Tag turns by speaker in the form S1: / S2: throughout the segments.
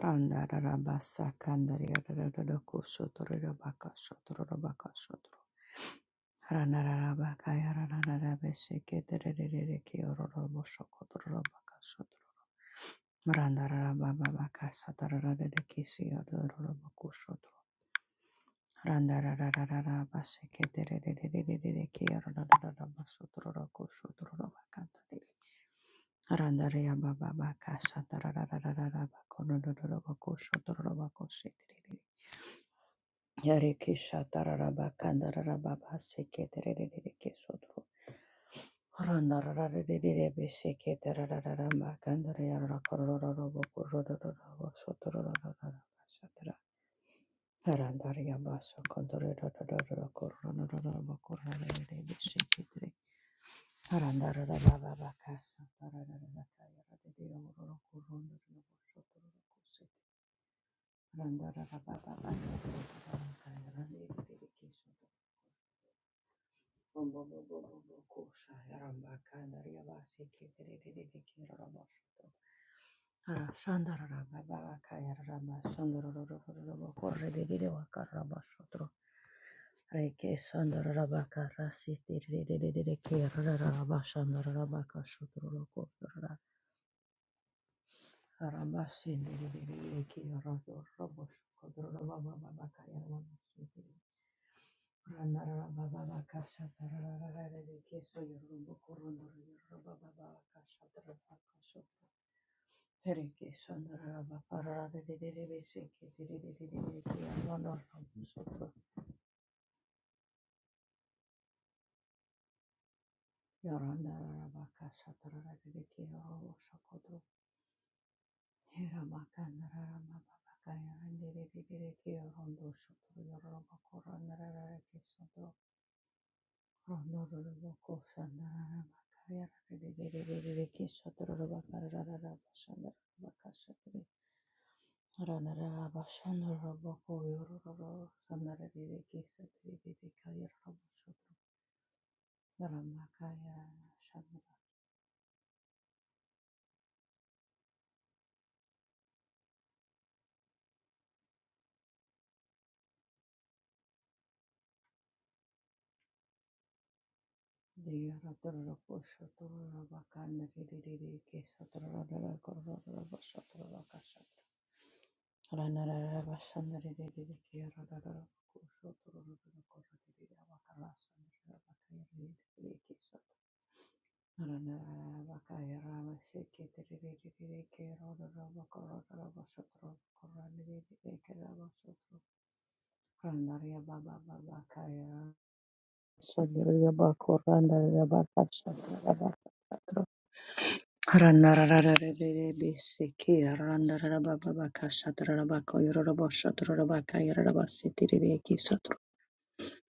S1: Randa rara basa kandari rara rara kusotoro rara baka sotoro rara baka sotoro. Rana rara baka yara rara rara bese ketere rere rere kioro rara boso kotoro rara baka sotoro. Maranda rara baba baka satara rara kisi yoro sotoro. Randa rara rara rara base ketere baka Randa rara baka satara rara rara bako sotoro bako setere. Yarekesha tararaba kandararaba baseke tererereke sotro. Randarararerebe seke terarararamba kandarayarara korororobo kororororobo sotororororaba satara. Harandaria baso kororororobo korororerebe seke tere. Harandararaba babaka yararerororo kororororobo sotororoko sete. Randararaba babaka satarararaka yararerebe seke Ramba Randa Rondoroboko Randaria baba baba kaya, Sandaria baba koranda baba kaya, Sandaria baba kaya.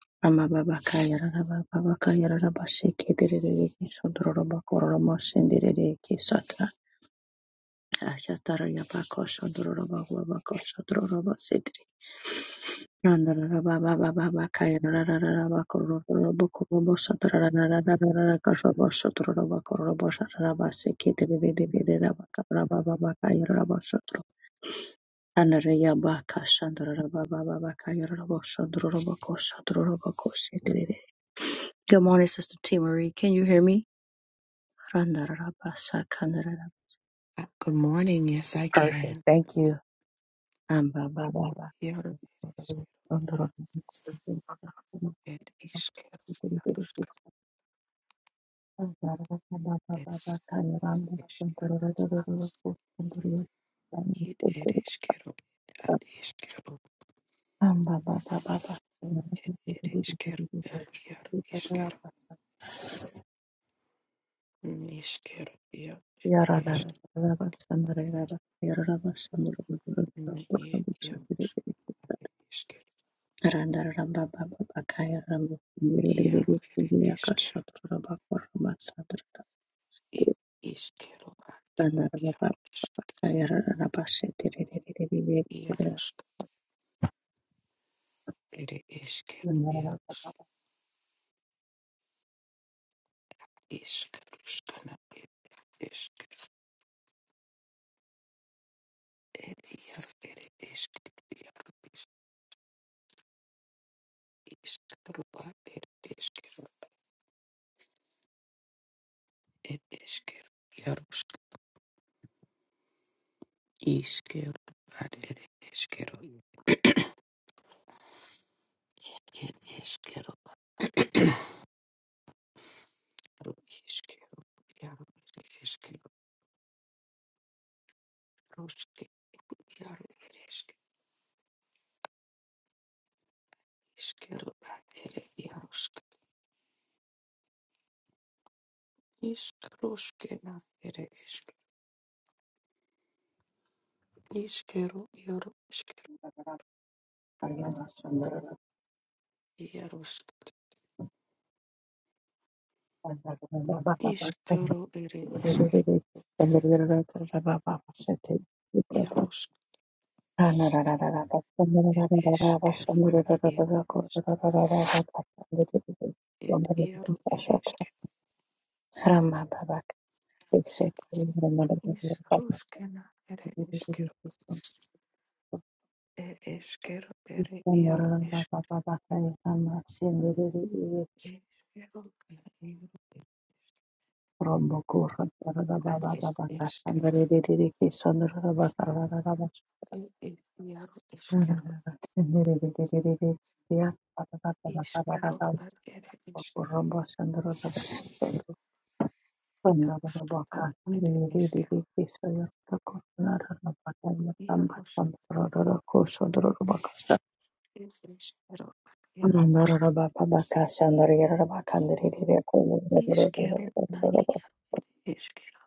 S1: Ramababa Randarara baba baba baka yarararara bakororo bokorobo satarararara dararara kasobo sotoro bakorobo satara basiki tebebede bedera baka baba baka yararaba sotoro andare ya baka sandarara baba baba baka yararaba sotoro boko sotoro boko setere. Good morning, Sister T. Marie. Can you hear me? Randarara basa kandarara.
S2: Uh, Good morning. Yes, I
S1: Perfect.
S2: can.
S1: Thank you. Amba baba baba.
S2: Quiero ver is quiero
S1: Randa
S2: eres it eres quiero eres quiero eres quiero quiero is quiero is quiero quiero eres quiero is quiero quiero eres quiero is quiero quiero quiero eres quiero quiero is quiero It is it is Yarusk Iskaru at it is Kero it is Kero Yarusk Iskero at it is Kero it is Kero Yaru Iskero Yaru Iskero Rusk Yaru Isk Iskero at it is Yarusk Iskaruskena it is Iskero Yaru Iskero Yarusk
S1: Rombokura,
S2: Iskaro it is Kero It is kero, it is, it iaro, it is kero. Is ruskena, it is kero. It is kero, it iaro, is is kero, it iaro, it is is kero. It is iaro, is kero.
S1: Bakayaramba
S2: Is kero, it it is kero. Iaro, skatan, it is kero. Iaro, sk- it is kero, iaro, is kero. Is kero, na, it is kero.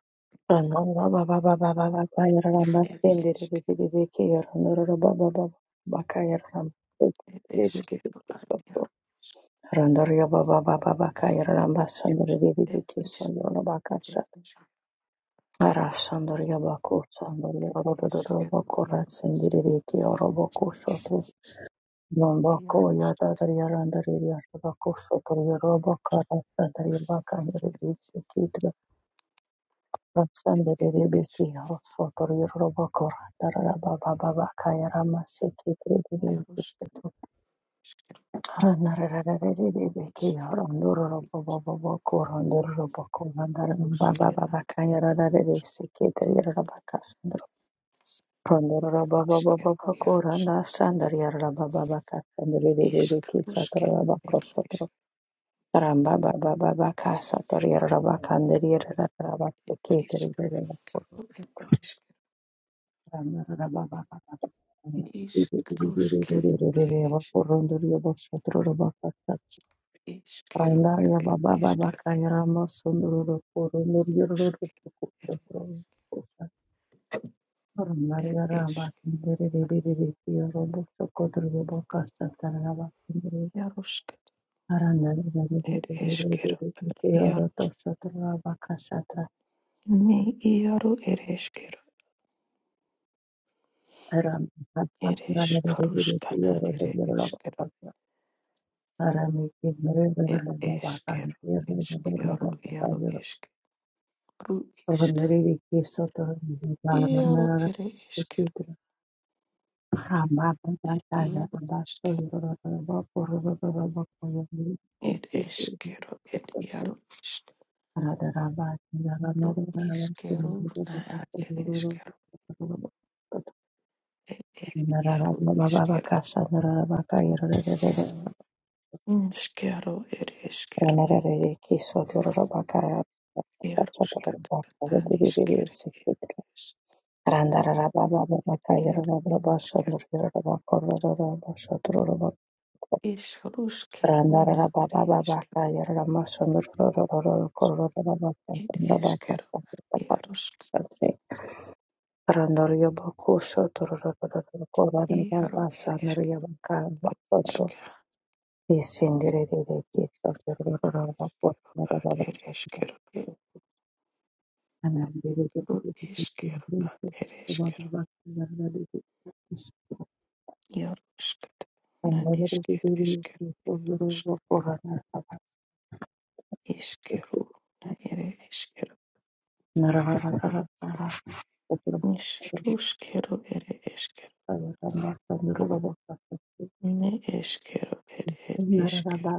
S2: It is kero, it is kero, iaro.
S1: Randaria Baba Baba Baka Yaramba Sandri
S2: It
S1: Viviki
S2: is
S1: Sondola
S2: that it
S1: Bakasa
S2: is
S1: Ara Sandaria Baku Sandaria
S2: it is kept
S1: Bakura
S2: Yarus
S1: Sindiri Oroboko Soto Yombako
S2: Yarus
S1: Yadadria Randaria Bako Soto Yorobakara Sandri
S2: Tus
S1: Baka Yaribisi Kitra Raksandri
S2: it is
S1: Viviki Soto Yorobakora Daraba Baba Baka Yarama Sikitri
S2: Yarus
S1: Ramba
S2: Isker Iskena Isker Yarus Iskrusken it is it is Iskrusken it is Isker
S1: Randaria
S2: it
S1: Baba
S2: is
S1: Baba
S2: kept
S1: Kairama Sunduru Puru Nurjuru
S2: it
S1: Randaria
S2: is
S1: Ramba Kindiri Diri Robo Sokotur Robo Kasatarava Kindiri
S2: Yarus
S1: Arandaria
S2: it is
S1: Diri
S2: kept
S1: Kioro
S2: Yarus
S1: Tosatrava Kasatra
S2: Ne iaru ere eskero,
S1: Ram
S2: ere
S1: Randaria
S2: eskaruskana,
S1: Kioro
S2: ere
S1: Todirava
S2: eskero,
S1: Arami Kindiri
S2: ere
S1: Baba Baba
S2: eskero,
S1: Kindiri Baba
S2: eskiaru,
S1: Baba
S2: iaru
S1: Kairo
S2: eskeru, isk,
S1: Randaria Kisotor
S2: iaru ere eskero,
S1: Randaria Randarara
S2: iaru eskero, ere eskero, ere iaru eskero, iskero, na ere eskero, ere ere iaru eskero, inskero, ere eskero, ere iaru skatana, iskere, ere
S1: baba baba kayırara
S2: iaru
S1: baba
S2: eskero,
S1: sondururara baba korurara baba şotururara
S2: Ishkarushke runa
S1: Randarara
S2: are
S1: baba baba
S2: ishkaru.
S1: kayarara masundururururu kurururu
S2: It
S1: bakandara
S2: ishkaru. Yarushk.
S1: bakasakata Randaryo boku sotururururu kuranara
S2: Yaru er
S1: basanaryo
S2: ishkaru.
S1: bakabakotro
S2: Ishka.
S1: isindirere kitorururu
S2: Ishkaru.
S1: bakotanara
S2: Ad er
S1: bakasakata
S2: ishkaru.
S1: Anandere
S2: Yaru ishkaru. Ad er
S1: baba
S2: ishkaru.
S1: bakayarara dikis
S2: Yarushkat. Nan
S1: Randarara
S2: ishkaru.
S1: dikis
S2: Ishkaru.
S1: kurururu kuranara bakasakata
S2: Na ere ishkaru. Ishkarushkaru ere ishkaru. Ne ishkaru er er ishkaru.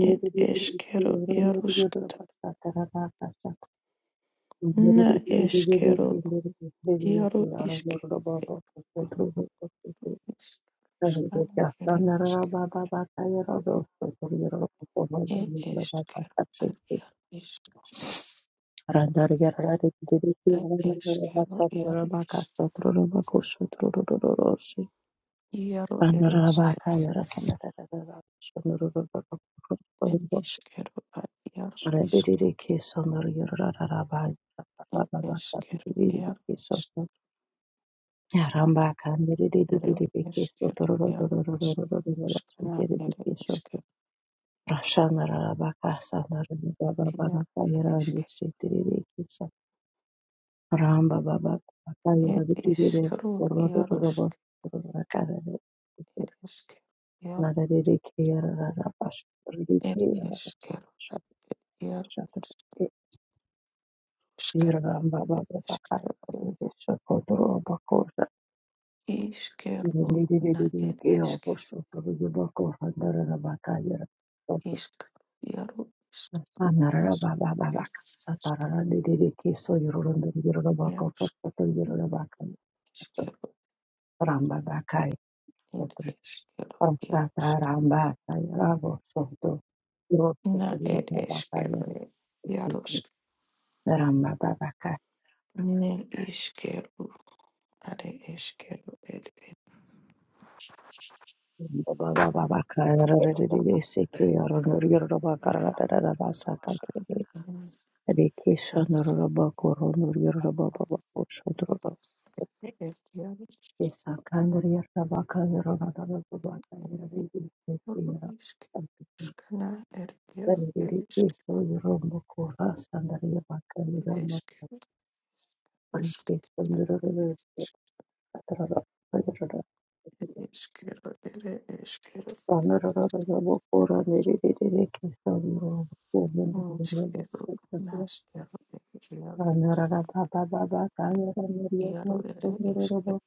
S2: It ishkaru yarushkat. Na ishkaru. Yaru ishkaru. Iškaro ir iškėro. Ir iškėro ar ir iškėro.
S1: Randar yarara dedi dedi
S2: Ir
S1: yarara yarara
S2: iškėro
S1: hafsa
S2: ir
S1: yarara baka satro baka şutro
S2: iškėro ir
S1: Pandora
S2: iškėro.
S1: baka yara kanda da
S2: Ir iškėro ar ir iškėro. Ir iškėro ir iškėro. Iškėro ir iškėro. Ir iškėro ir iškėro.
S1: da Ramba baba kaya
S2: Ir iškėro ir iškėro. Ir
S1: rabidire
S2: iškėro
S1: Ramba
S2: ir iškėro. Ir iškėro. Iskero na er esker iskero yaru isk iskero iskero ed eskero yarus na er eskero ed yarus
S1: Ramba baba ka
S2: ne iskero are eskero ed ed
S1: baba baba ka seke ronor yoro baba ra da da da ba sa ka de
S2: yarus
S1: de ke
S2: ed
S1: shonor baba ko ronor yoro baba baba ko shodro
S2: yarus yaru
S1: ke sa ka nor yoro baba ka yoro da da da baba ka yoro de de ke ke yoro
S2: skana er
S1: da
S2: yaru
S1: de
S2: ed
S1: de ke
S2: isk
S1: so yoro baba ko ra sa nor yoro baba ka
S2: ed
S1: yoro ma
S2: eskero usk
S1: ke
S2: ed
S1: shonor yoro da da da
S2: er ed eskero
S1: Rani,
S2: Iškėliau, meškėliau, iškėliau, ieru ir iškėliau,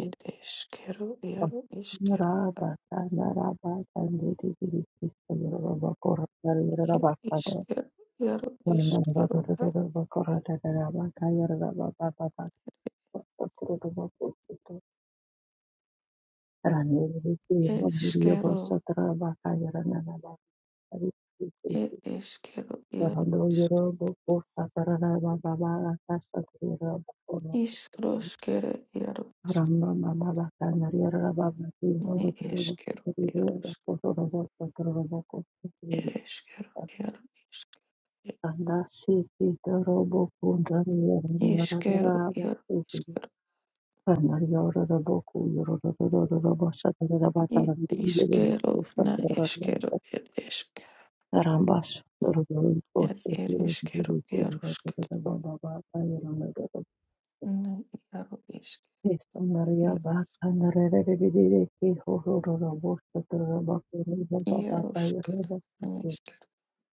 S2: ir iškėliau, ieru, iškėliau, ir iškėliau, ieru, iškėliau, iškėliau, ir iškėliau, ieru,
S1: Rando Yorobo, Costa Tararaba, Baba, Casta, Yorobo, Coro,
S2: iškroškėlė, ieru,
S1: Rando, Mama, Bacana, Yaraba, Yorobo, Yorobo,
S2: neiškėliau, ieru,
S1: Yorobo, Coro, Coro,
S2: ir
S1: Coro,
S2: iškėliau, ieru, iškėliau, ieru, iškėliau,
S1: Anda, Siki, Yorobo, Kunda, Yorobo, Yorobo,
S2: ir
S1: Siki, Rando, Yorobo, Yorobo, Yorobo, Yorobo, Sataraba,
S2: iškėliau, na, iškėliau, ir iškėliau,
S1: Carambas, Dorothy, Porto,
S2: ir
S1: Kiri,
S2: iškėliau,
S1: Kiri,
S2: ieru,
S1: Baba, Baba,
S2: na iaro iškeru
S1: Yes, Maria, Baka, Narere, Ki, Hororo, Bosta, Baba, Baba, Baba,
S2: iaruškata na iškeru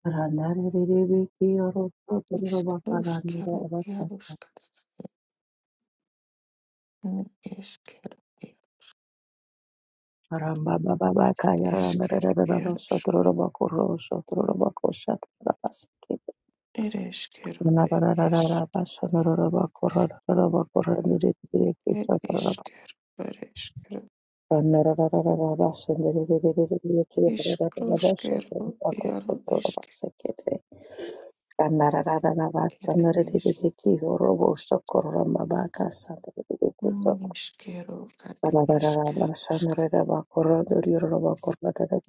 S1: Ranare, Ribi, Ki, Oro, Baba,
S2: iškeru
S1: Ranira, Basta,
S2: iaruškata na iškeru
S1: Ramba, Baba, Baka,
S2: iškeru
S1: Ranare, Baba,
S2: iaruškata
S1: Sotro, Baba, Koro, Sotro, Baba, Kosat, Baba, Sikit,
S2: ir iškeru ir iš
S1: Narara, Basta, Baba, Koro, Baba, Koro, Ribi, Ki,
S2: ir
S1: Sotro,
S2: iškeru ir iškeru
S1: Thank
S2: iškruškeru iaru iške ir iš iškeru ar iškeruškata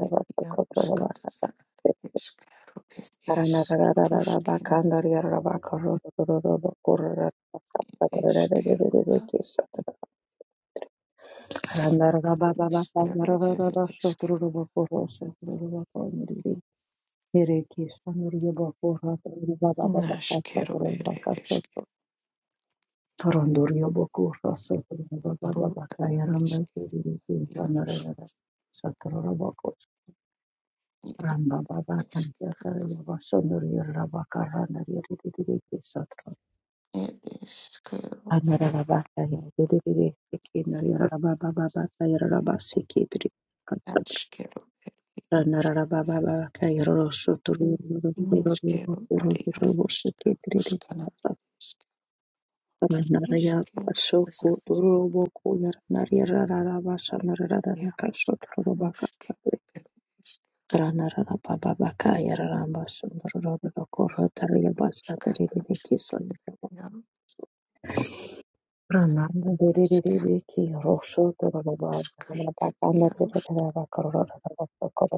S2: ir iaruškata ar iškeru ir iš ruškina iškeru
S1: you. Ramba
S2: Iskero ere eskero naskero ere eskero eskero eskero askero ere eskero ere eskero
S1: Ranarababa
S2: iskero naskero ere eskero naskero eskero ere iarus.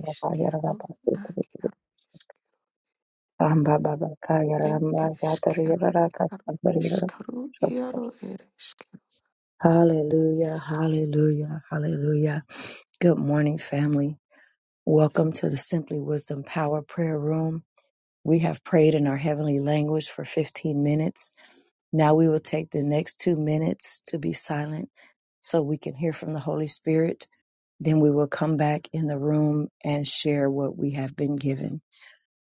S2: iskero ere eskero
S1: Ramba Baba Kaya
S2: It
S1: Ramba
S2: is
S1: Yatari
S2: Carol.
S1: Rara
S2: Carol
S1: Kasabari
S2: is
S1: Rara
S2: Carol.
S1: Shoko.
S2: Carol it is Carol.
S1: Hallelujah, hallelujah, hallelujah. Good morning, family. Welcome to the Simply Wisdom Power Prayer Room. We have prayed in our heavenly language for 15 minutes. Now we will take the next two minutes to be silent so we can hear from the Holy Spirit. Then we will come back in the room and share what we have been given.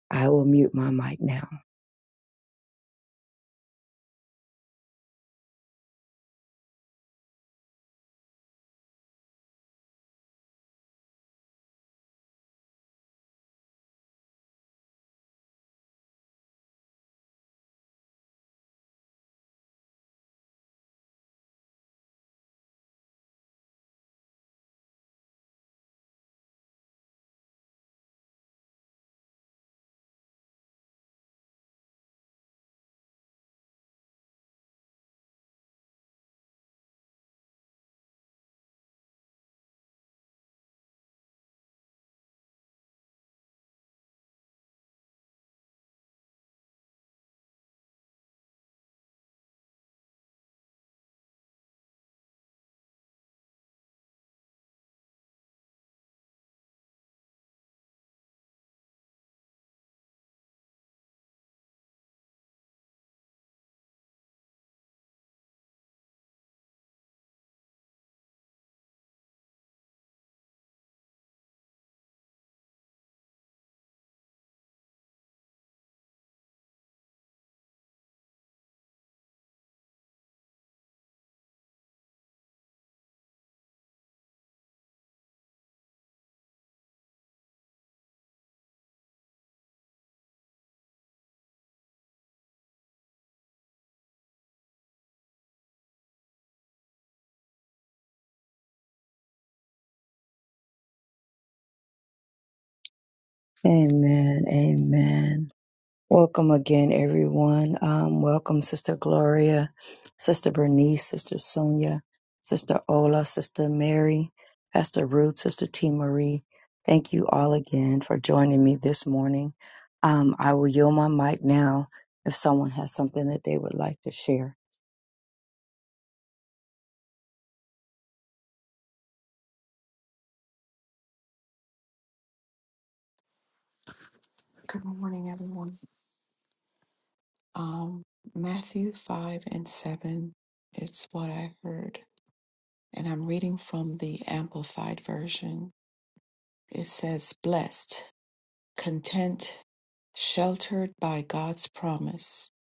S1: I will mute my mic now. Amen. Amen. Welcome again, everyone. Um, welcome, Sister Gloria, Sister Bernice, Sister Sonia, Sister Ola, Sister Mary, Pastor Ruth, Sister T. Marie. Thank you all again for joining me this morning. Um, I will yield my mic now if someone has something that they would like to share.
S2: Good morning, everyone. Um, Matthew five and seven. It's what I heard, and I'm reading from the Amplified version. It says, "Blessed, content, sheltered by God's promise,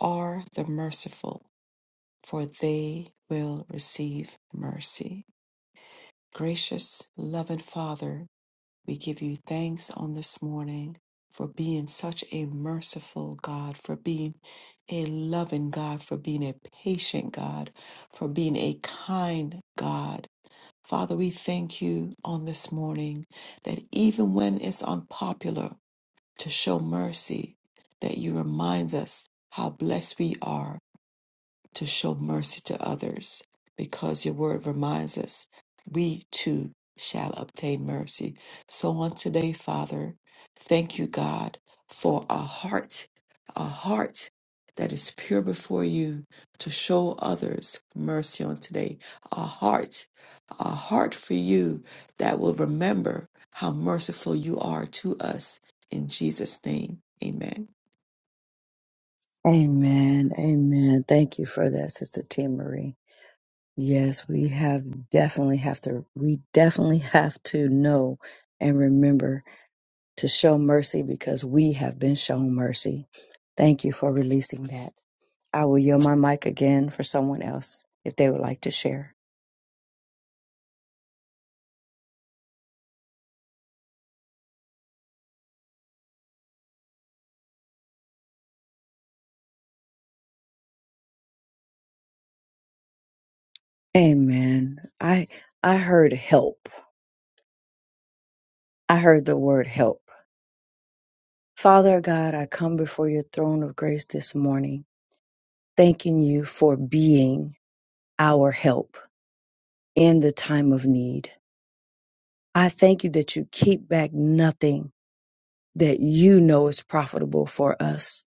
S2: are the merciful, for they will receive mercy." Gracious, loving Father. We give you thanks on this morning for being such a merciful God, for being a loving God, for being a patient God, for being a kind God. Father, we thank you on this morning that even when it's unpopular to show mercy, that you remind us how blessed we are to show mercy to others because your word reminds us we too shall obtain mercy. So on today, Father, thank you, God, for a heart, a heart that is pure before you to show others mercy on today. A heart, a heart for you that will remember how merciful you are to us. In Jesus' name, amen.
S1: Amen. Amen. Thank you for that, Sister T. Marie. Yes, we have definitely have to, we definitely have to know and remember to show mercy because we have been shown mercy. Thank you for releasing that. I will yield my mic again for someone else if they would like to share. Amen. I, I heard help. I heard the word help. Father God, I come before your throne of grace this morning, thanking you for being our help in the time of need. I thank you that you keep back nothing that you know is profitable for us,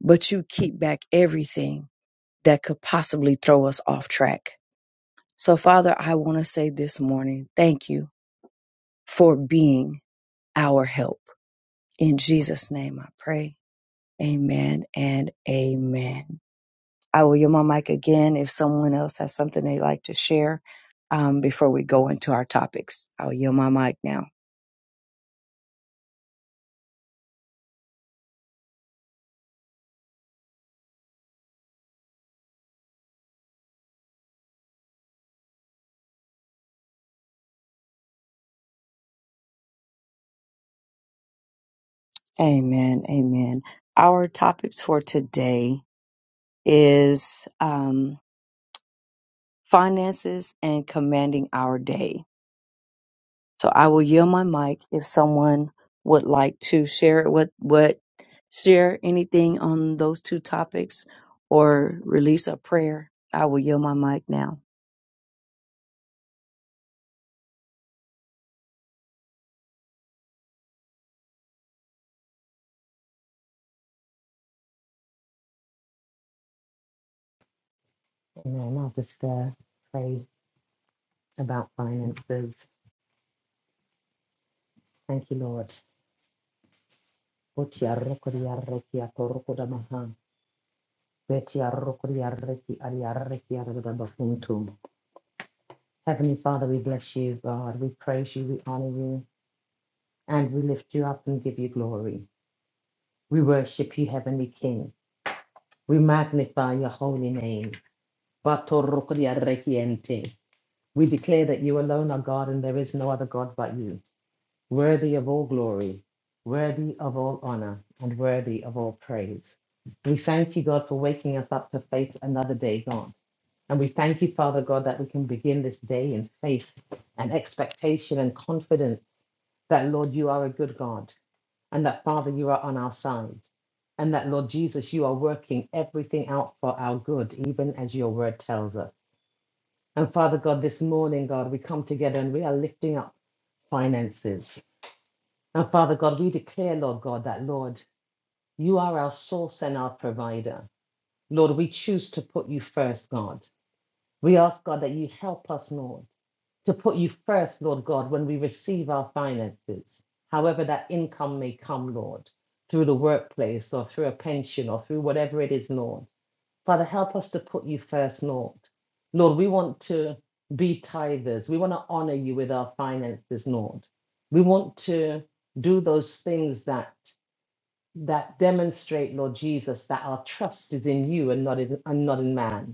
S1: but you keep back everything that could possibly throw us off track. So, Father, I want to say this morning, thank you for being our help. In Jesus' name I pray. Amen and amen. I will yield my mic again if someone else has something they'd like to share um, before we go into our topics. I'll yield my mic now. Amen. Amen. Our topics for today is um, finances and commanding our day. So I will yield my mic if someone would like to share what what share anything on those two topics or release a prayer. I will yield my mic now.
S3: Amen. I'll just uh, pray about finances. Thank you, Lord. Otia rokoria rekia torokoda maha. Betia rokoria reki aria rekia rokoda bakuntu. Heavenly Father, we bless you, God. We praise you, we honor you, and we lift you up and give you glory. We worship you, Heavenly King. We magnify your holy name. Bato rokoria reki ente. We declare that you alone are God and there is no other God but you. worthy of all glory, worthy of all honor, and worthy of all praise. We thank you, God, for waking us up to face another day, God. And we thank you, Father God, that we can begin this day in faith and expectation and confidence that, Lord, you are a good God and that, Father, you are on our side. And that, Lord Jesus, you are working everything out for our good, even as your word tells us. And Father God, this morning, God, we come together and we are lifting up finances. And Father God, we declare, Lord God, that Lord, you are our source and our provider. Lord, we choose to put you first, God. We ask, God, that you help us, Lord, to put you first, Lord God, when we receive our finances, however that income may come, Lord, through the workplace or through a pension or through whatever it is, Lord. Father, help us to put you first, Lord. Lord, we want to be tithers. We want to honor you with our finances, Lord. We want to do those things that that demonstrate, Lord Jesus, that our trust is in you and not in and not in man.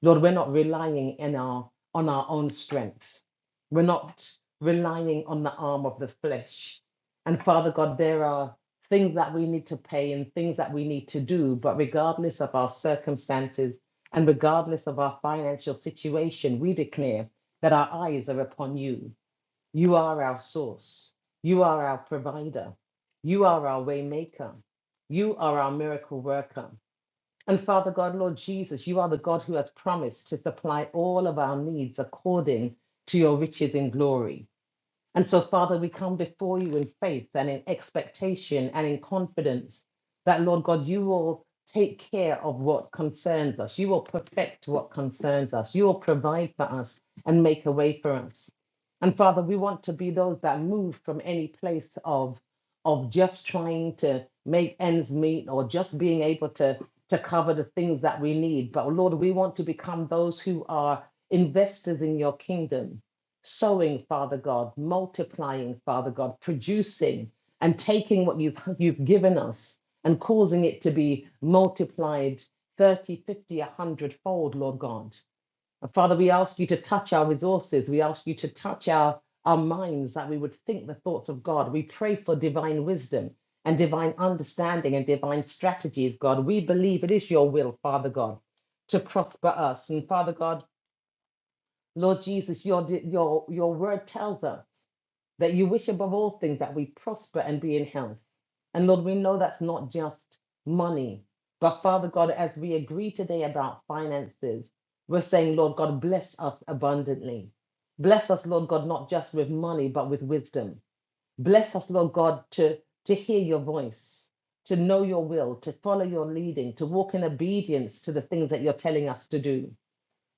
S3: Lord, we're not relying in our, on our own strength. We're not relying on the arm of the flesh. And Father God, there are things that we need to pay and things that we need to do, but regardless of our circumstances and regardless of our financial situation, we declare that our eyes are upon you. You are our source. You are our provider. You are our way maker. You are our miracle worker. And Father God, Lord Jesus, you are the God who has promised to supply all of our needs according to your riches in glory. And so, Father, we come before you in faith and in expectation and in confidence that, Lord God, you will take care of what concerns us. You will perfect what concerns us. You will provide for us and make a way for us. And Father, we want to be those that move from any place of, of just trying to make ends meet or just being able to, to cover the things that we need. But Lord, we want to become those who are investors in your kingdom sowing, Father God, multiplying, Father God, producing and taking what you've, you've given us and causing it to be multiplied 30, 50, a 100 fold, Lord God. And Father, we ask you to touch our resources. We ask you to touch our, our minds that we would think the thoughts of God. We pray for divine wisdom and divine understanding and divine strategies, God. We believe it is your will, Father God, to prosper us. And Father God, Lord Jesus, your, your, your word tells us that you wish above all things that we prosper and be in health. And Lord, we know that's not just money, but Father God, as we agree today about finances, we're saying, Lord God, bless us abundantly. Bless us, Lord God, not just with money, but with wisdom. Bless us, Lord God, to, to hear your voice, to know your will, to follow your leading, to walk in obedience to the things that you're telling us to do.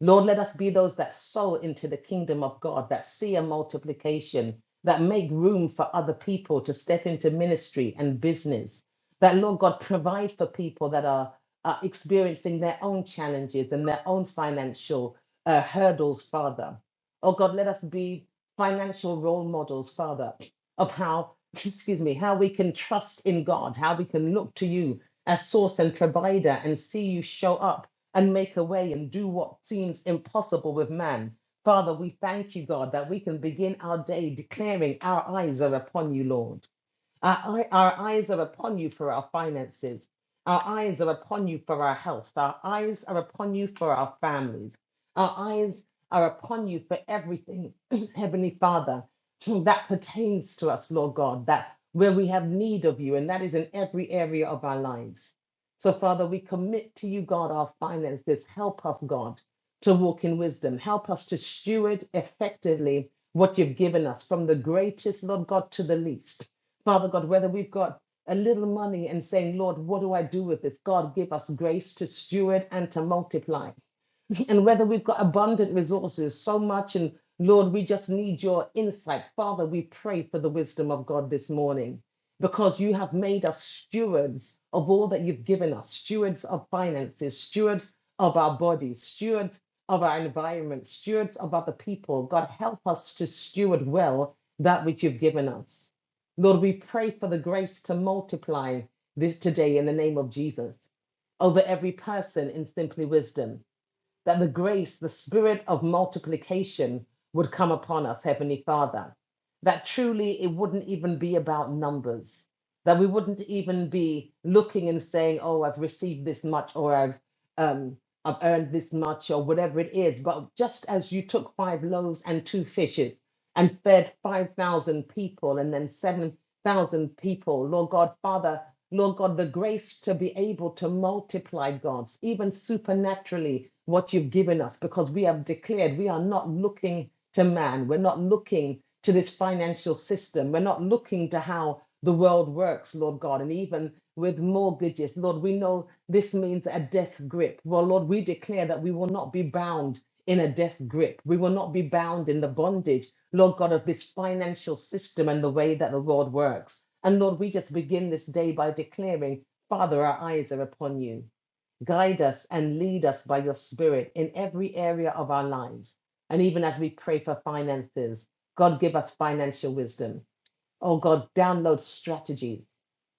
S3: Lord, let us be those that sow into the kingdom of God, that see a multiplication, that make room for other people to step into ministry and business. That, Lord God, provide for people that are, are experiencing their own challenges and their own financial uh, hurdles, Father. Oh God, let us be financial role models, Father, of how, excuse me, how we can trust in God, how we can look to you as source and provider and see you show up and make a way and do what seems impossible with man. Father, we thank you, God, that we can begin our day declaring our eyes are upon you, Lord. Our, eye- our eyes are upon you for our finances. Our eyes are upon you for our health. Our eyes are upon you for our families. Our eyes are upon you for everything, Heavenly Father, that pertains to us, Lord God, that where we have need of you, and that is in every area of our lives. So, Father, we commit to you, God, our finances. Help us, God, to walk in wisdom. Help us to steward effectively what you've given us, from the greatest, Lord God, to the least. Father God, whether we've got a little money and saying, Lord, what do I do with this? God, give us grace to steward and to multiply. And whether we've got abundant resources, so much, and Lord, we just need your insight. Father, we pray for the wisdom of God this morning because you have made us stewards of all that you've given us stewards of finances, stewards of our bodies, stewards of our environment, stewards of other people. God, help us to steward well that which you've given us. Lord, we pray for the grace to multiply this today in the name of Jesus over every person in simply wisdom that the grace, the spirit of multiplication would come upon us, Heavenly Father. That truly it wouldn't even be about numbers, that we wouldn't even be looking and saying, oh, I've received this much or I've, um, I've earned this much or whatever it is. But just as you took five loaves and two fishes and fed 5,000 people and then 7,000 people, Lord God, Father, Lord God, the grace to be able to multiply, God, even supernaturally, what you've given us, because we have declared we are not looking to man. We're not looking to this financial system. We're not looking to how the world works, Lord God. And even with mortgages, Lord, we know this means a death grip. Well, Lord, we declare that we will not be bound in a death grip. We will not be bound in the bondage, Lord God, of this financial system and the way that the world works. And Lord, we just begin this day by declaring, Father, our eyes are upon you. Guide us and lead us by your Spirit in every area of our lives. And even as we pray for finances, God, give us financial wisdom. Oh God, download strategies.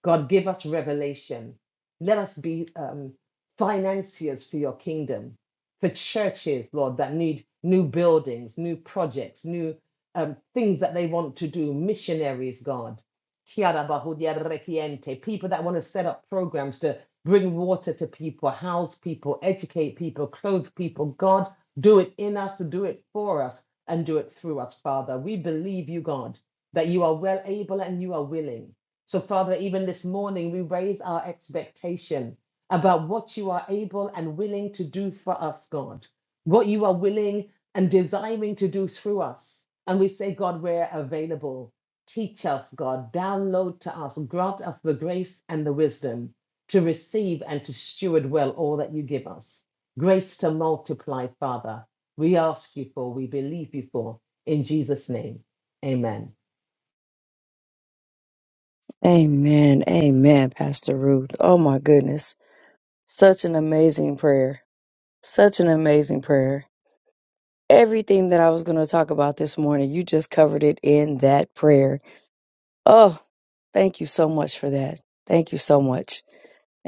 S3: God, give us revelation. Let us be um, financiers for your kingdom, for churches, Lord, that need new buildings, new projects, new um, things that they want to do, missionaries, God. Kiara bahudia rekiente, People that want to set up programs to bring water to people, house people, educate people, clothe people. God, do it in us, do it for us, and do it through us, Father. We believe you, God that you are well able and you are willing. So, Father, even this morning, we raise our expectation about what you are able and willing to do for us, God, what you are willing and desiring to do through us. And we say, God, we're available. Teach us, God, download to us, grant us the grace and the wisdom to receive and to steward well all that you give us. Grace to multiply, Father. We ask you for, we believe you for. In Jesus' name, amen.
S1: Amen. Amen, Pastor Ruth. Oh my goodness. Such an amazing prayer. Such an amazing prayer. Everything that I was going to talk about this morning, you just covered it in that prayer. Oh, thank you so much for that. Thank you so much.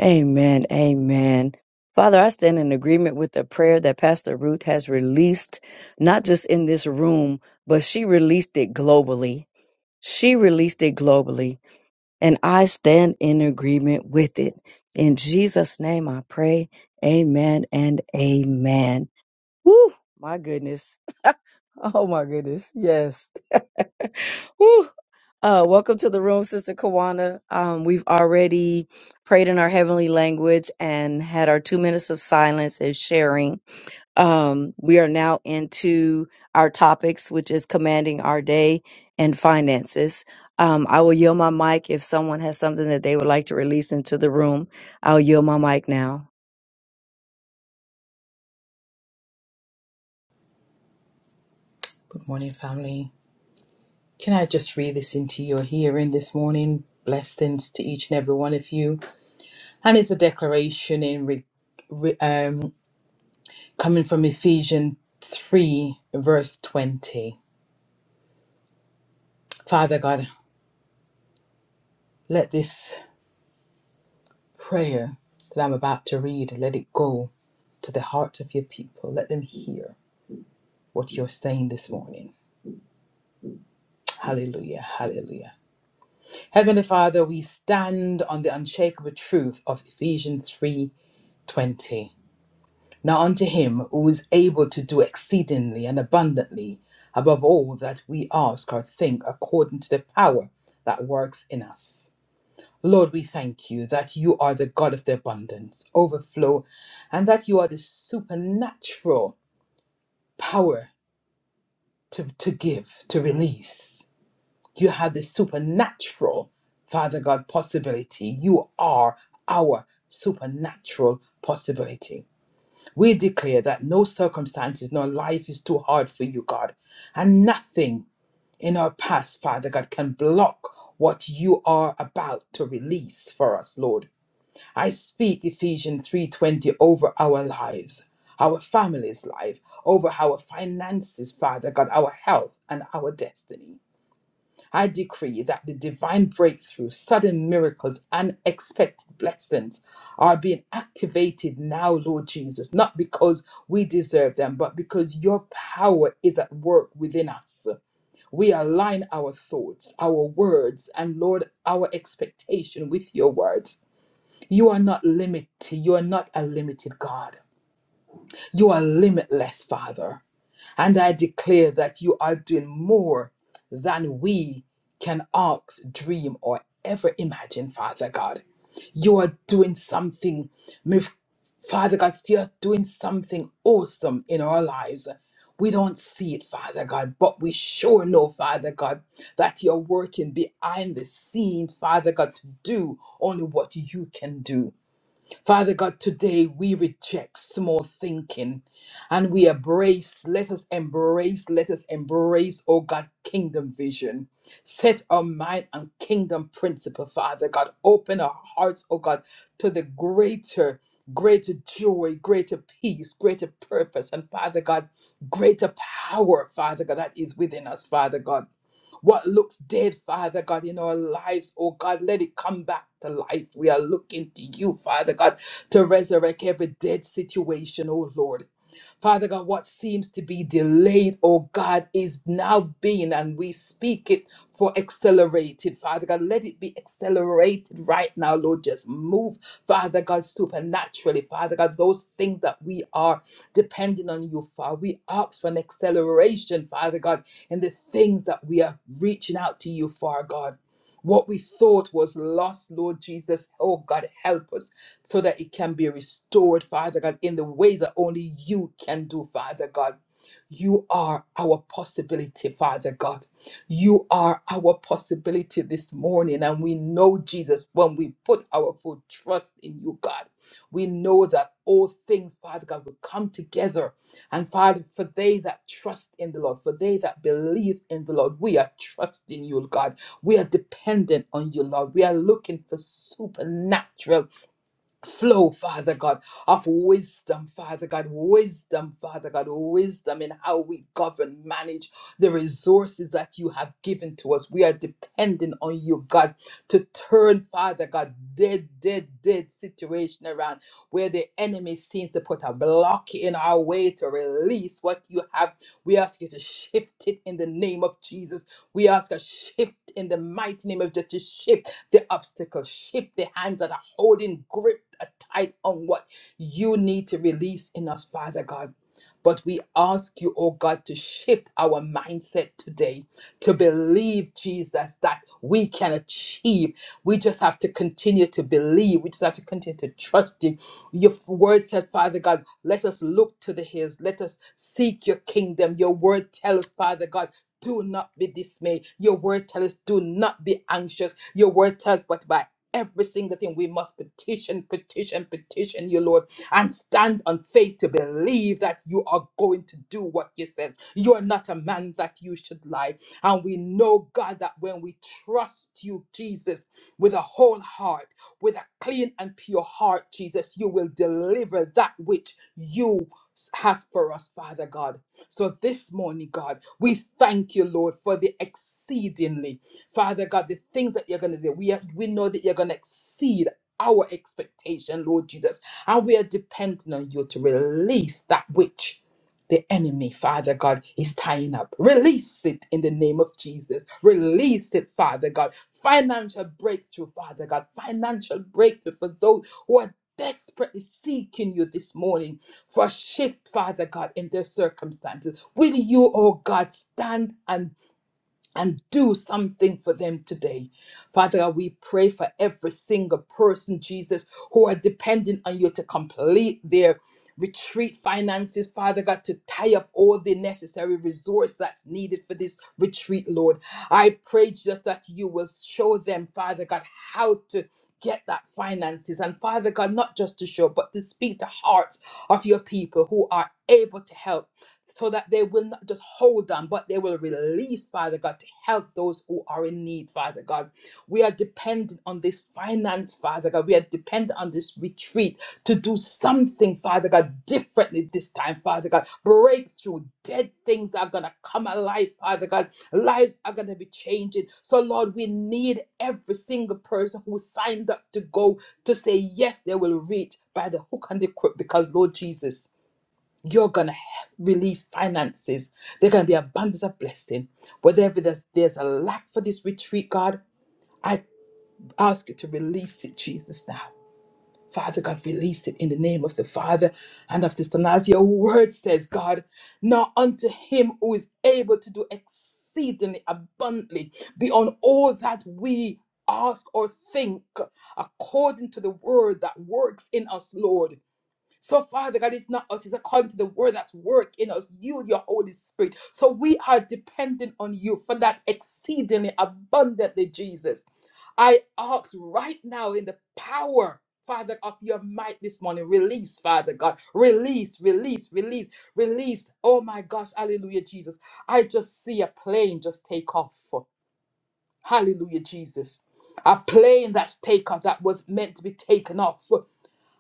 S1: Amen. Amen. Father, I stand in agreement with the prayer that Pastor Ruth has released, not just in this room, but she released it globally. She released it globally, and I stand in agreement with it. In Jesus' name I pray. Amen and amen. Woo, my goodness. Oh my goodness. Yes. Woo. Uh, welcome to the room, Sister Kawana. Um, we've already prayed in our heavenly language and had our two minutes of silence and sharing. Um, we are now into our topics, which is commanding our day and finances. Um, I will yield my mic if someone has something that they would like to release into the room. I'll yield my mic now.
S4: Good morning, family. Can I just read this into your hearing this morning? Blessings to each and every one of you. And it's a declaration in re, re- um, coming from Ephesians 3, verse 20. Father God, let this prayer that I'm about to read, let it go to the hearts of your people. Let them hear what you're saying this morning. Hallelujah, hallelujah. Heavenly Father, we stand on the unshakable truth of Ephesians 3:20. Now unto him who is able to do exceedingly and abundantly above all that we ask or think according to the power that works in us. Lord, we thank you that you are the God of the abundance, overflow, and that you are the supernatural power to, to give, to release. You have the supernatural, Father God, possibility. You are our supernatural possibility. We declare that no circumstances nor life is too hard for you, God, and nothing in our past, Father God, can block what you are about to release for us, Lord. I speak Ephesians 3:20 over our lives, our family's life, over our finances, Father God, our health and our destiny. I decree that the divine breakthrough, sudden miracles, unexpected blessings are being activated now, Lord Jesus, not because we deserve them, but because your power is at work within us. We align our thoughts, our words, and Lord, our expectation with your words. You are not limited. You are not a limited God. You are limitless, Father. And I declare that you are doing more than we can ask, dream, or ever imagine, Father God. You are doing something, mi- Father God, you are doing something awesome in our lives. We don't see it, Father God, but we sure know, Father God, that you're working behind the scenes, Father God, to do only what you can do. Father God, today we reject small thinking and we embrace, let us embrace, let us embrace, oh God, kingdom vision. Set our mind on kingdom principle, Father God. Open our hearts, oh God, to the greater, greater joy, greater peace, greater purpose, and Father God, greater power, Father God, that is within us, Father God. What looks dead, Father God, in our lives, oh God, let it come back to life. We are looking to you, Father God to resurrect every dead situation, oh Lord. Father God, what seems to be delayed, oh God, is now being, and we speak it for accelerated. Father God, let it be accelerated right now, Lord. Just move, Father God, supernaturally. Father God, those things that we are depending on you for, we ask for an acceleration, Father God, in the things that we are reaching out to you for, God. What we thought was lost, Lord Jesus, oh God, help us so that it can be restored, Father God, in the way that only you can do, Father God. You are our possibility, Father God. You are our possibility this morning. And we know, Jesus, when we put our full trust in you, God, we know that all things, Father God, will come together. And Father, for they that trust in the Lord, for they that believe in the Lord, we are trusting you, God. We are dependent on you, Lord. We are looking for supernatural flow, Father God, of wisdom, Father God, wisdom, Father God, wisdom in how we govern, manage the resources that you have given to us. We are dependent on you, God, to turn, Father God, dead, dead, dead situation around where the enemy seems to put a block in our way to release what you have. We ask you to shift it in the name of Jesus. We ask a shift in the mighty name of Jesus, to shift the obstacle, shift the hands of holding grip tight on what you need to release in us, Father God. But we ask you, oh God, to shift our mindset today to believe, Jesus, that we can achieve. We just have to continue to believe. We just have to continue to trust you. Your word said, Father God, let us look to the hills. Let us seek your kingdom. Your word tells, Father God, do not be dismayed. Your word tells us, do not be anxious. Your word tells, us, but by every single thing. We must petition, petition, petition you, Lord, and stand on faith to believe that you are going to do what you said. You are not a man that you should lie. And we know, God, that when we trust you, Jesus, with a whole heart, with a clean and pure heart, Jesus, you will deliver that which you has for us, Father God. So this morning, God, we thank you, Lord, for the exceedingly Father God, the things that you're going to do, we, are, we know that you're going to exceed our expectation, Lord Jesus. And we are dependent on you to release that which the enemy, Father God, is tying up. Release it in the name of Jesus. Release it, Father God. Financial breakthrough, Father God. Financial breakthrough for those who are desperately seeking you this morning for a shift, Father God, in their circumstances. Will you, oh God, stand and and do something for them today. Father God, we pray for every single person, Jesus, who are dependent on you to complete their retreat finances, Father God, to tie up all the necessary resource that's needed for this retreat, Lord. I pray just that you will show them, Father God, how to get that finances and father god not just to show but to speak to hearts of your people who are able to help so that they will not just hold on, but they will release, Father God, to help those who are in need, Father God. We are dependent on this finance, Father God. We are dependent on this retreat to do something, Father God, differently this time, Father God. Breakthrough. Dead things are going to come alive, Father God. Lives are going to be changing. So, Lord, we need every single person who signed up to go to say, yes, they will reach by the hook and the crook because, Lord Jesus you're going to release finances. They're going to be abundance of blessing. Whatever there's, there's a lack for this retreat, God, I ask you to release it, Jesus, now. Father God, release it in the name of the Father and of the Son. As your word says, God, now unto him who is able to do exceedingly abundantly beyond all that we ask or think, according to the word that works in us, Lord. So, Father God, it's not us, it's according to the word that's work in us, you and your Holy Spirit. So, we are dependent on you for that exceedingly abundantly, Jesus. I ask right now in the power. Father, of your might this morning, release, Father God, release, release, release, release. Oh my gosh, hallelujah, Jesus. I just see a plane just take off. Hallelujah, Jesus. A plane that's take off that was meant to be taken off.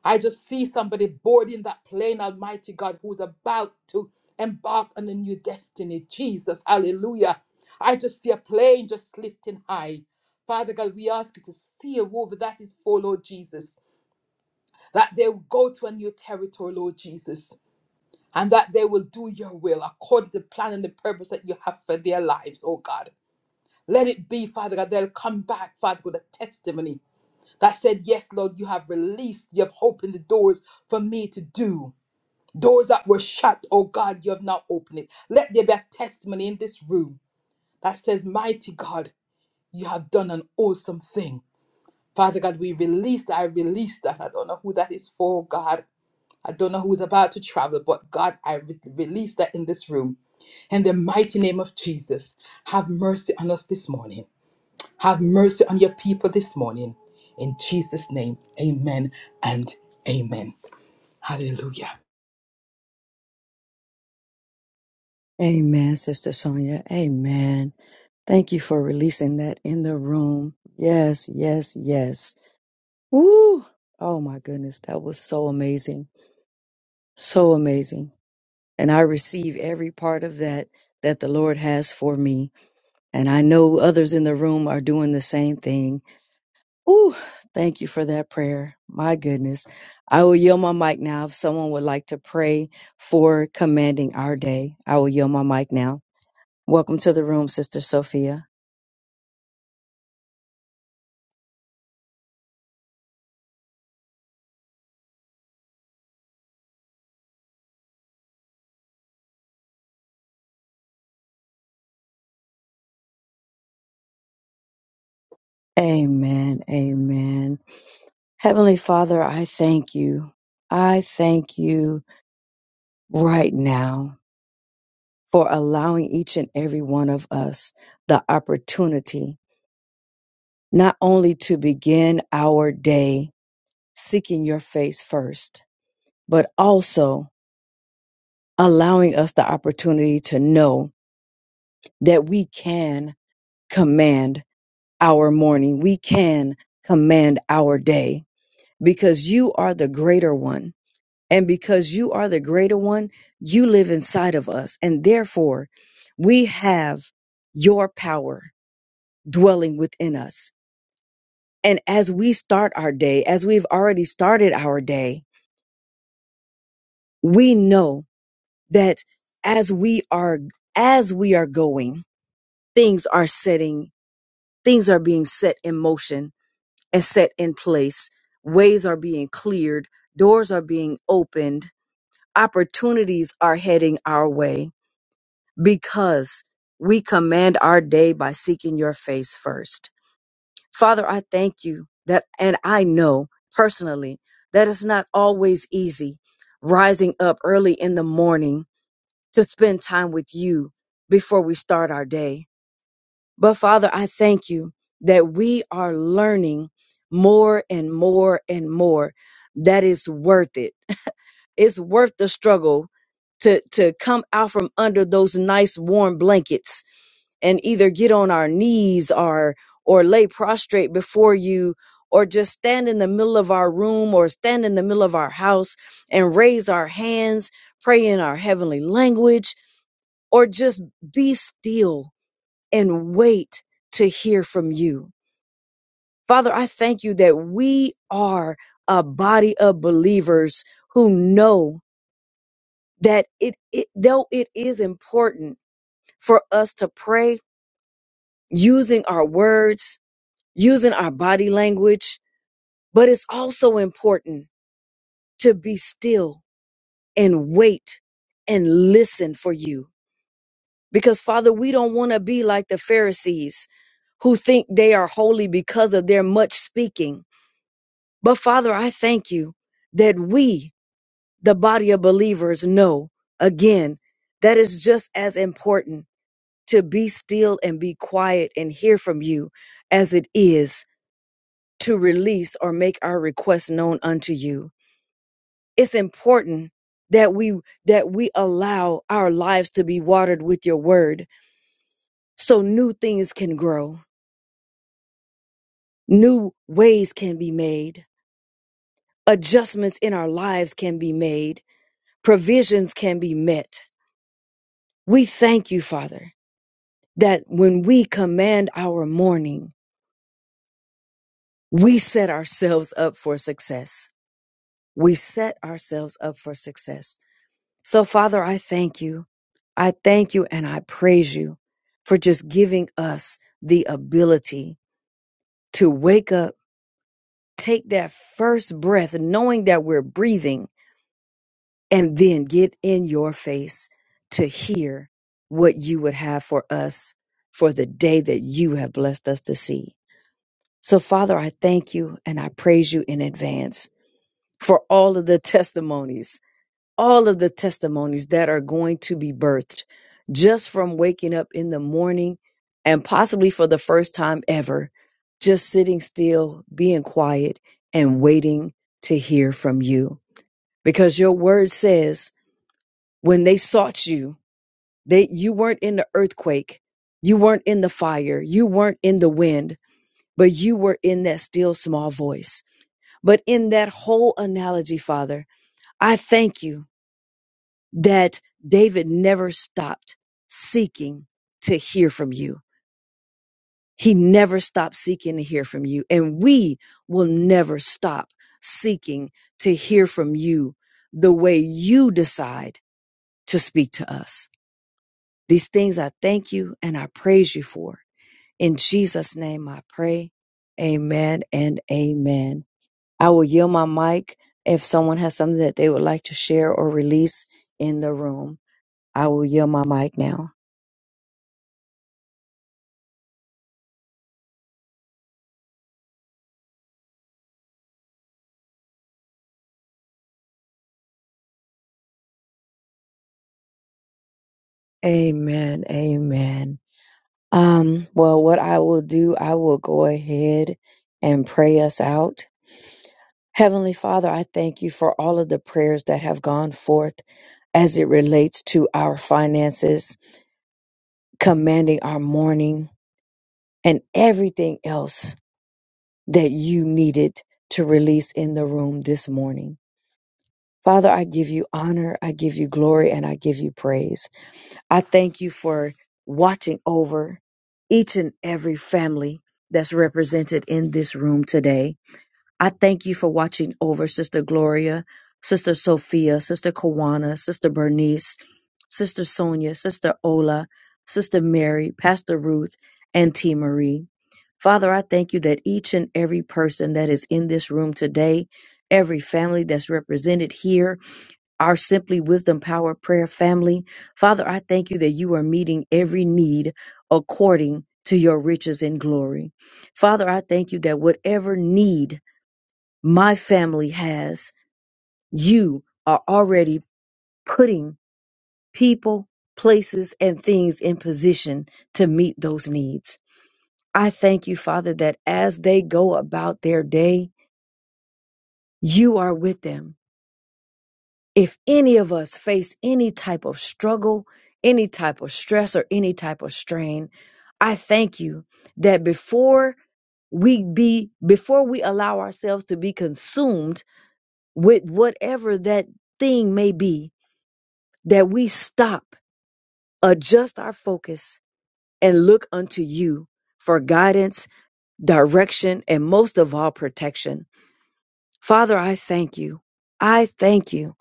S4: I just see somebody boarding that plane, Almighty God, who's about to embark on a new destiny. Jesus, hallelujah. I just see a plane just lifting high. Father God, we ask you to seal over that is for Lord Jesus, that they will go to a new territory, Lord Jesus, and that they will do your will according to the plan and the purpose that you have for their lives, oh God. Let it be, Father God, they'll come back, Father, with a testimony that said, Yes, Lord, you have released, you have opened the doors for me to do. Doors that were shut, oh God, you have now opened it. Let there be a testimony in this room that says, Mighty God, you have done an awesome thing. Father God, we release that. I release that. I don't know who that is for, God. I don't know who's about to travel, but God, I re- release that in this room. In the mighty name of Jesus, have mercy on us this morning. Have mercy on your people this morning. In Jesus' name, amen and amen. Hallelujah.
S1: Amen, Sister Sonia. Amen. Thank you for releasing that in the room. Yes, yes, yes. Woo! Oh my goodness, that was so amazing. So amazing. And I receive every part of that that the Lord has for me. And I know others in the room are doing the same thing. Woo! Thank you for that prayer. My goodness. I will yield my mic now if someone would like to pray for commanding our day. I will yield my mic now. Welcome to the room, Sister Sophia. Amen. Amen. Heavenly Father, I thank you. I thank you right now for allowing each and every one of us the opportunity not only to begin our day seeking your face first, but also allowing us the opportunity to know that we can command our morning. We can command our day because you are the greater one. And because you are the greater one, you live inside of us. And therefore, we have your power dwelling within us. And as we start our day, as we've already started our day, we know that as we are as we are going things are setting things are being set in motion and set in place ways are being cleared doors are being opened opportunities are heading our way because we command our day by seeking your face first father i thank you that and i know personally that it's not always easy rising up early in the morning to spend time with you before we start our day. But Father, I thank you that we are learning more and more and more that it's worth it. It's worth the struggle to to come out from under those nice warm blankets and either get on our knees or or lay prostrate before you or just stand in the middle of our room or stand in the middle of our house and raise our hands pray in our heavenly language or just be still and wait to hear from you. Father, I thank you that we are a body of believers who know that it, it though it is important for us to pray using our words, using our body language, but it's also important to be still and wait and listen for you. Because, Father, we don't want to be like the Pharisees who think they are holy because of their much speaking. But, Father, I thank you that we, the body of believers, know again that is just as important to be still and be quiet and hear from you as it is to release or make our requests known unto you. It's important that we that we allow our lives to be watered with your word so new things can grow New ways can be made. Adjustments in our lives can be made. Provisions can be met. We thank you, Father, that when we command our morning, we set ourselves up for success. We set ourselves up for success. So, Father, I thank you. I thank you and I praise you for just giving us the ability to wake up, take that first breath, knowing that we're breathing and then get in your face to hear what you would have for us for the day that you have blessed us to see. So, Father, I thank you and I praise you in advance for all of the testimonies, all of the testimonies that are going to be birthed just from waking up in the morning and possibly for the first time ever, just sitting still, being quiet, and waiting to hear from you. Because your word says, when they sought you they you weren't in the earthquake you weren't in the fire you weren't in the wind but you were in that still small voice but in that whole analogy father i thank you that david never stopped seeking to hear from you he never stopped seeking to hear from you and we will never stop seeking to hear from you the way you decide to speak to us These things I thank you and I praise you for. In Jesus' name I pray. Amen and amen. I will yield my mic if someone has something that they would like to share or release in the room. I will yield my mic now. Amen. Amen. Um, well, what I will do, I will go ahead and pray us out. Heavenly Father, I thank you for all of the prayers that have gone forth as it relates to our finances, commanding our morning and everything else that you needed to release in the room this morning. Father, I give you honor, I give you glory, and I give you praise. I thank you for watching over each and every family that's represented in this room today. I thank you for watching over Sister Gloria, Sister Sophia, Sister Kawana, Sister Bernice, Sister Sonia, Sister Ola, Sister Mary, Pastor Ruth, and T. Marie. Father, I thank you that each and every person that is in this room today, every family that's represented here, our Simply Wisdom Power Prayer family, Father, I thank you that you are meeting every need according to your riches and glory. Father, I thank you that whatever need my family has, you are already putting people, places, and things in position to meet those needs. I thank you, Father, that as they go about their day, you are with them. If any of us face any type of struggle, any type of stress, or any type of strain, I thank you that before we be, before we allow ourselves to be consumed with whatever that thing may be, that we stop, adjust our focus, and look unto you for guidance, direction, and most of all, protection. Father, I thank you. I thank you.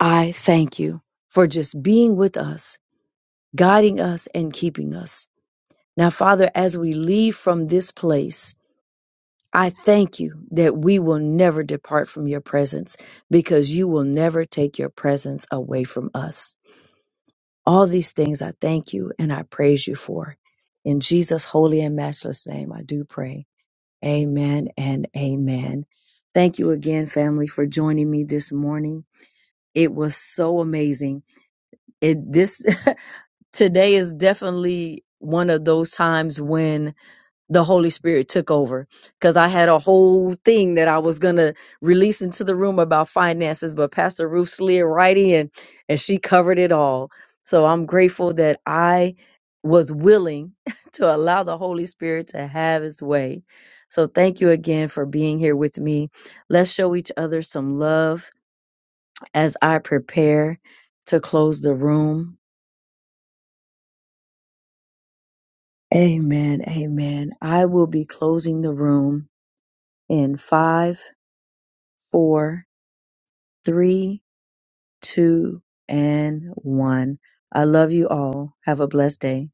S1: I thank you for just being with us, guiding us, and keeping us. Now, Father, as we leave from this place, I thank you that we will never depart from your presence because you will never take your presence away from us. All these things I thank you and I praise you for. In Jesus' holy and matchless name, I do pray. Amen and amen. Thank you again, family, for joining me this morning. It was so amazing. It this today is definitely one of those times when the Holy Spirit took over because I had a whole thing that I was gonna release into the room about finances, but Pastor Ruth slid right in and she covered it all. So I'm grateful that I was willing to allow the Holy Spirit to have his way. So thank you again for being here with me. Let's show each other some love as I prepare to close the room. Amen. Amen. I will be closing the room in five four, three, two, and one. I love you all. Have a blessed day.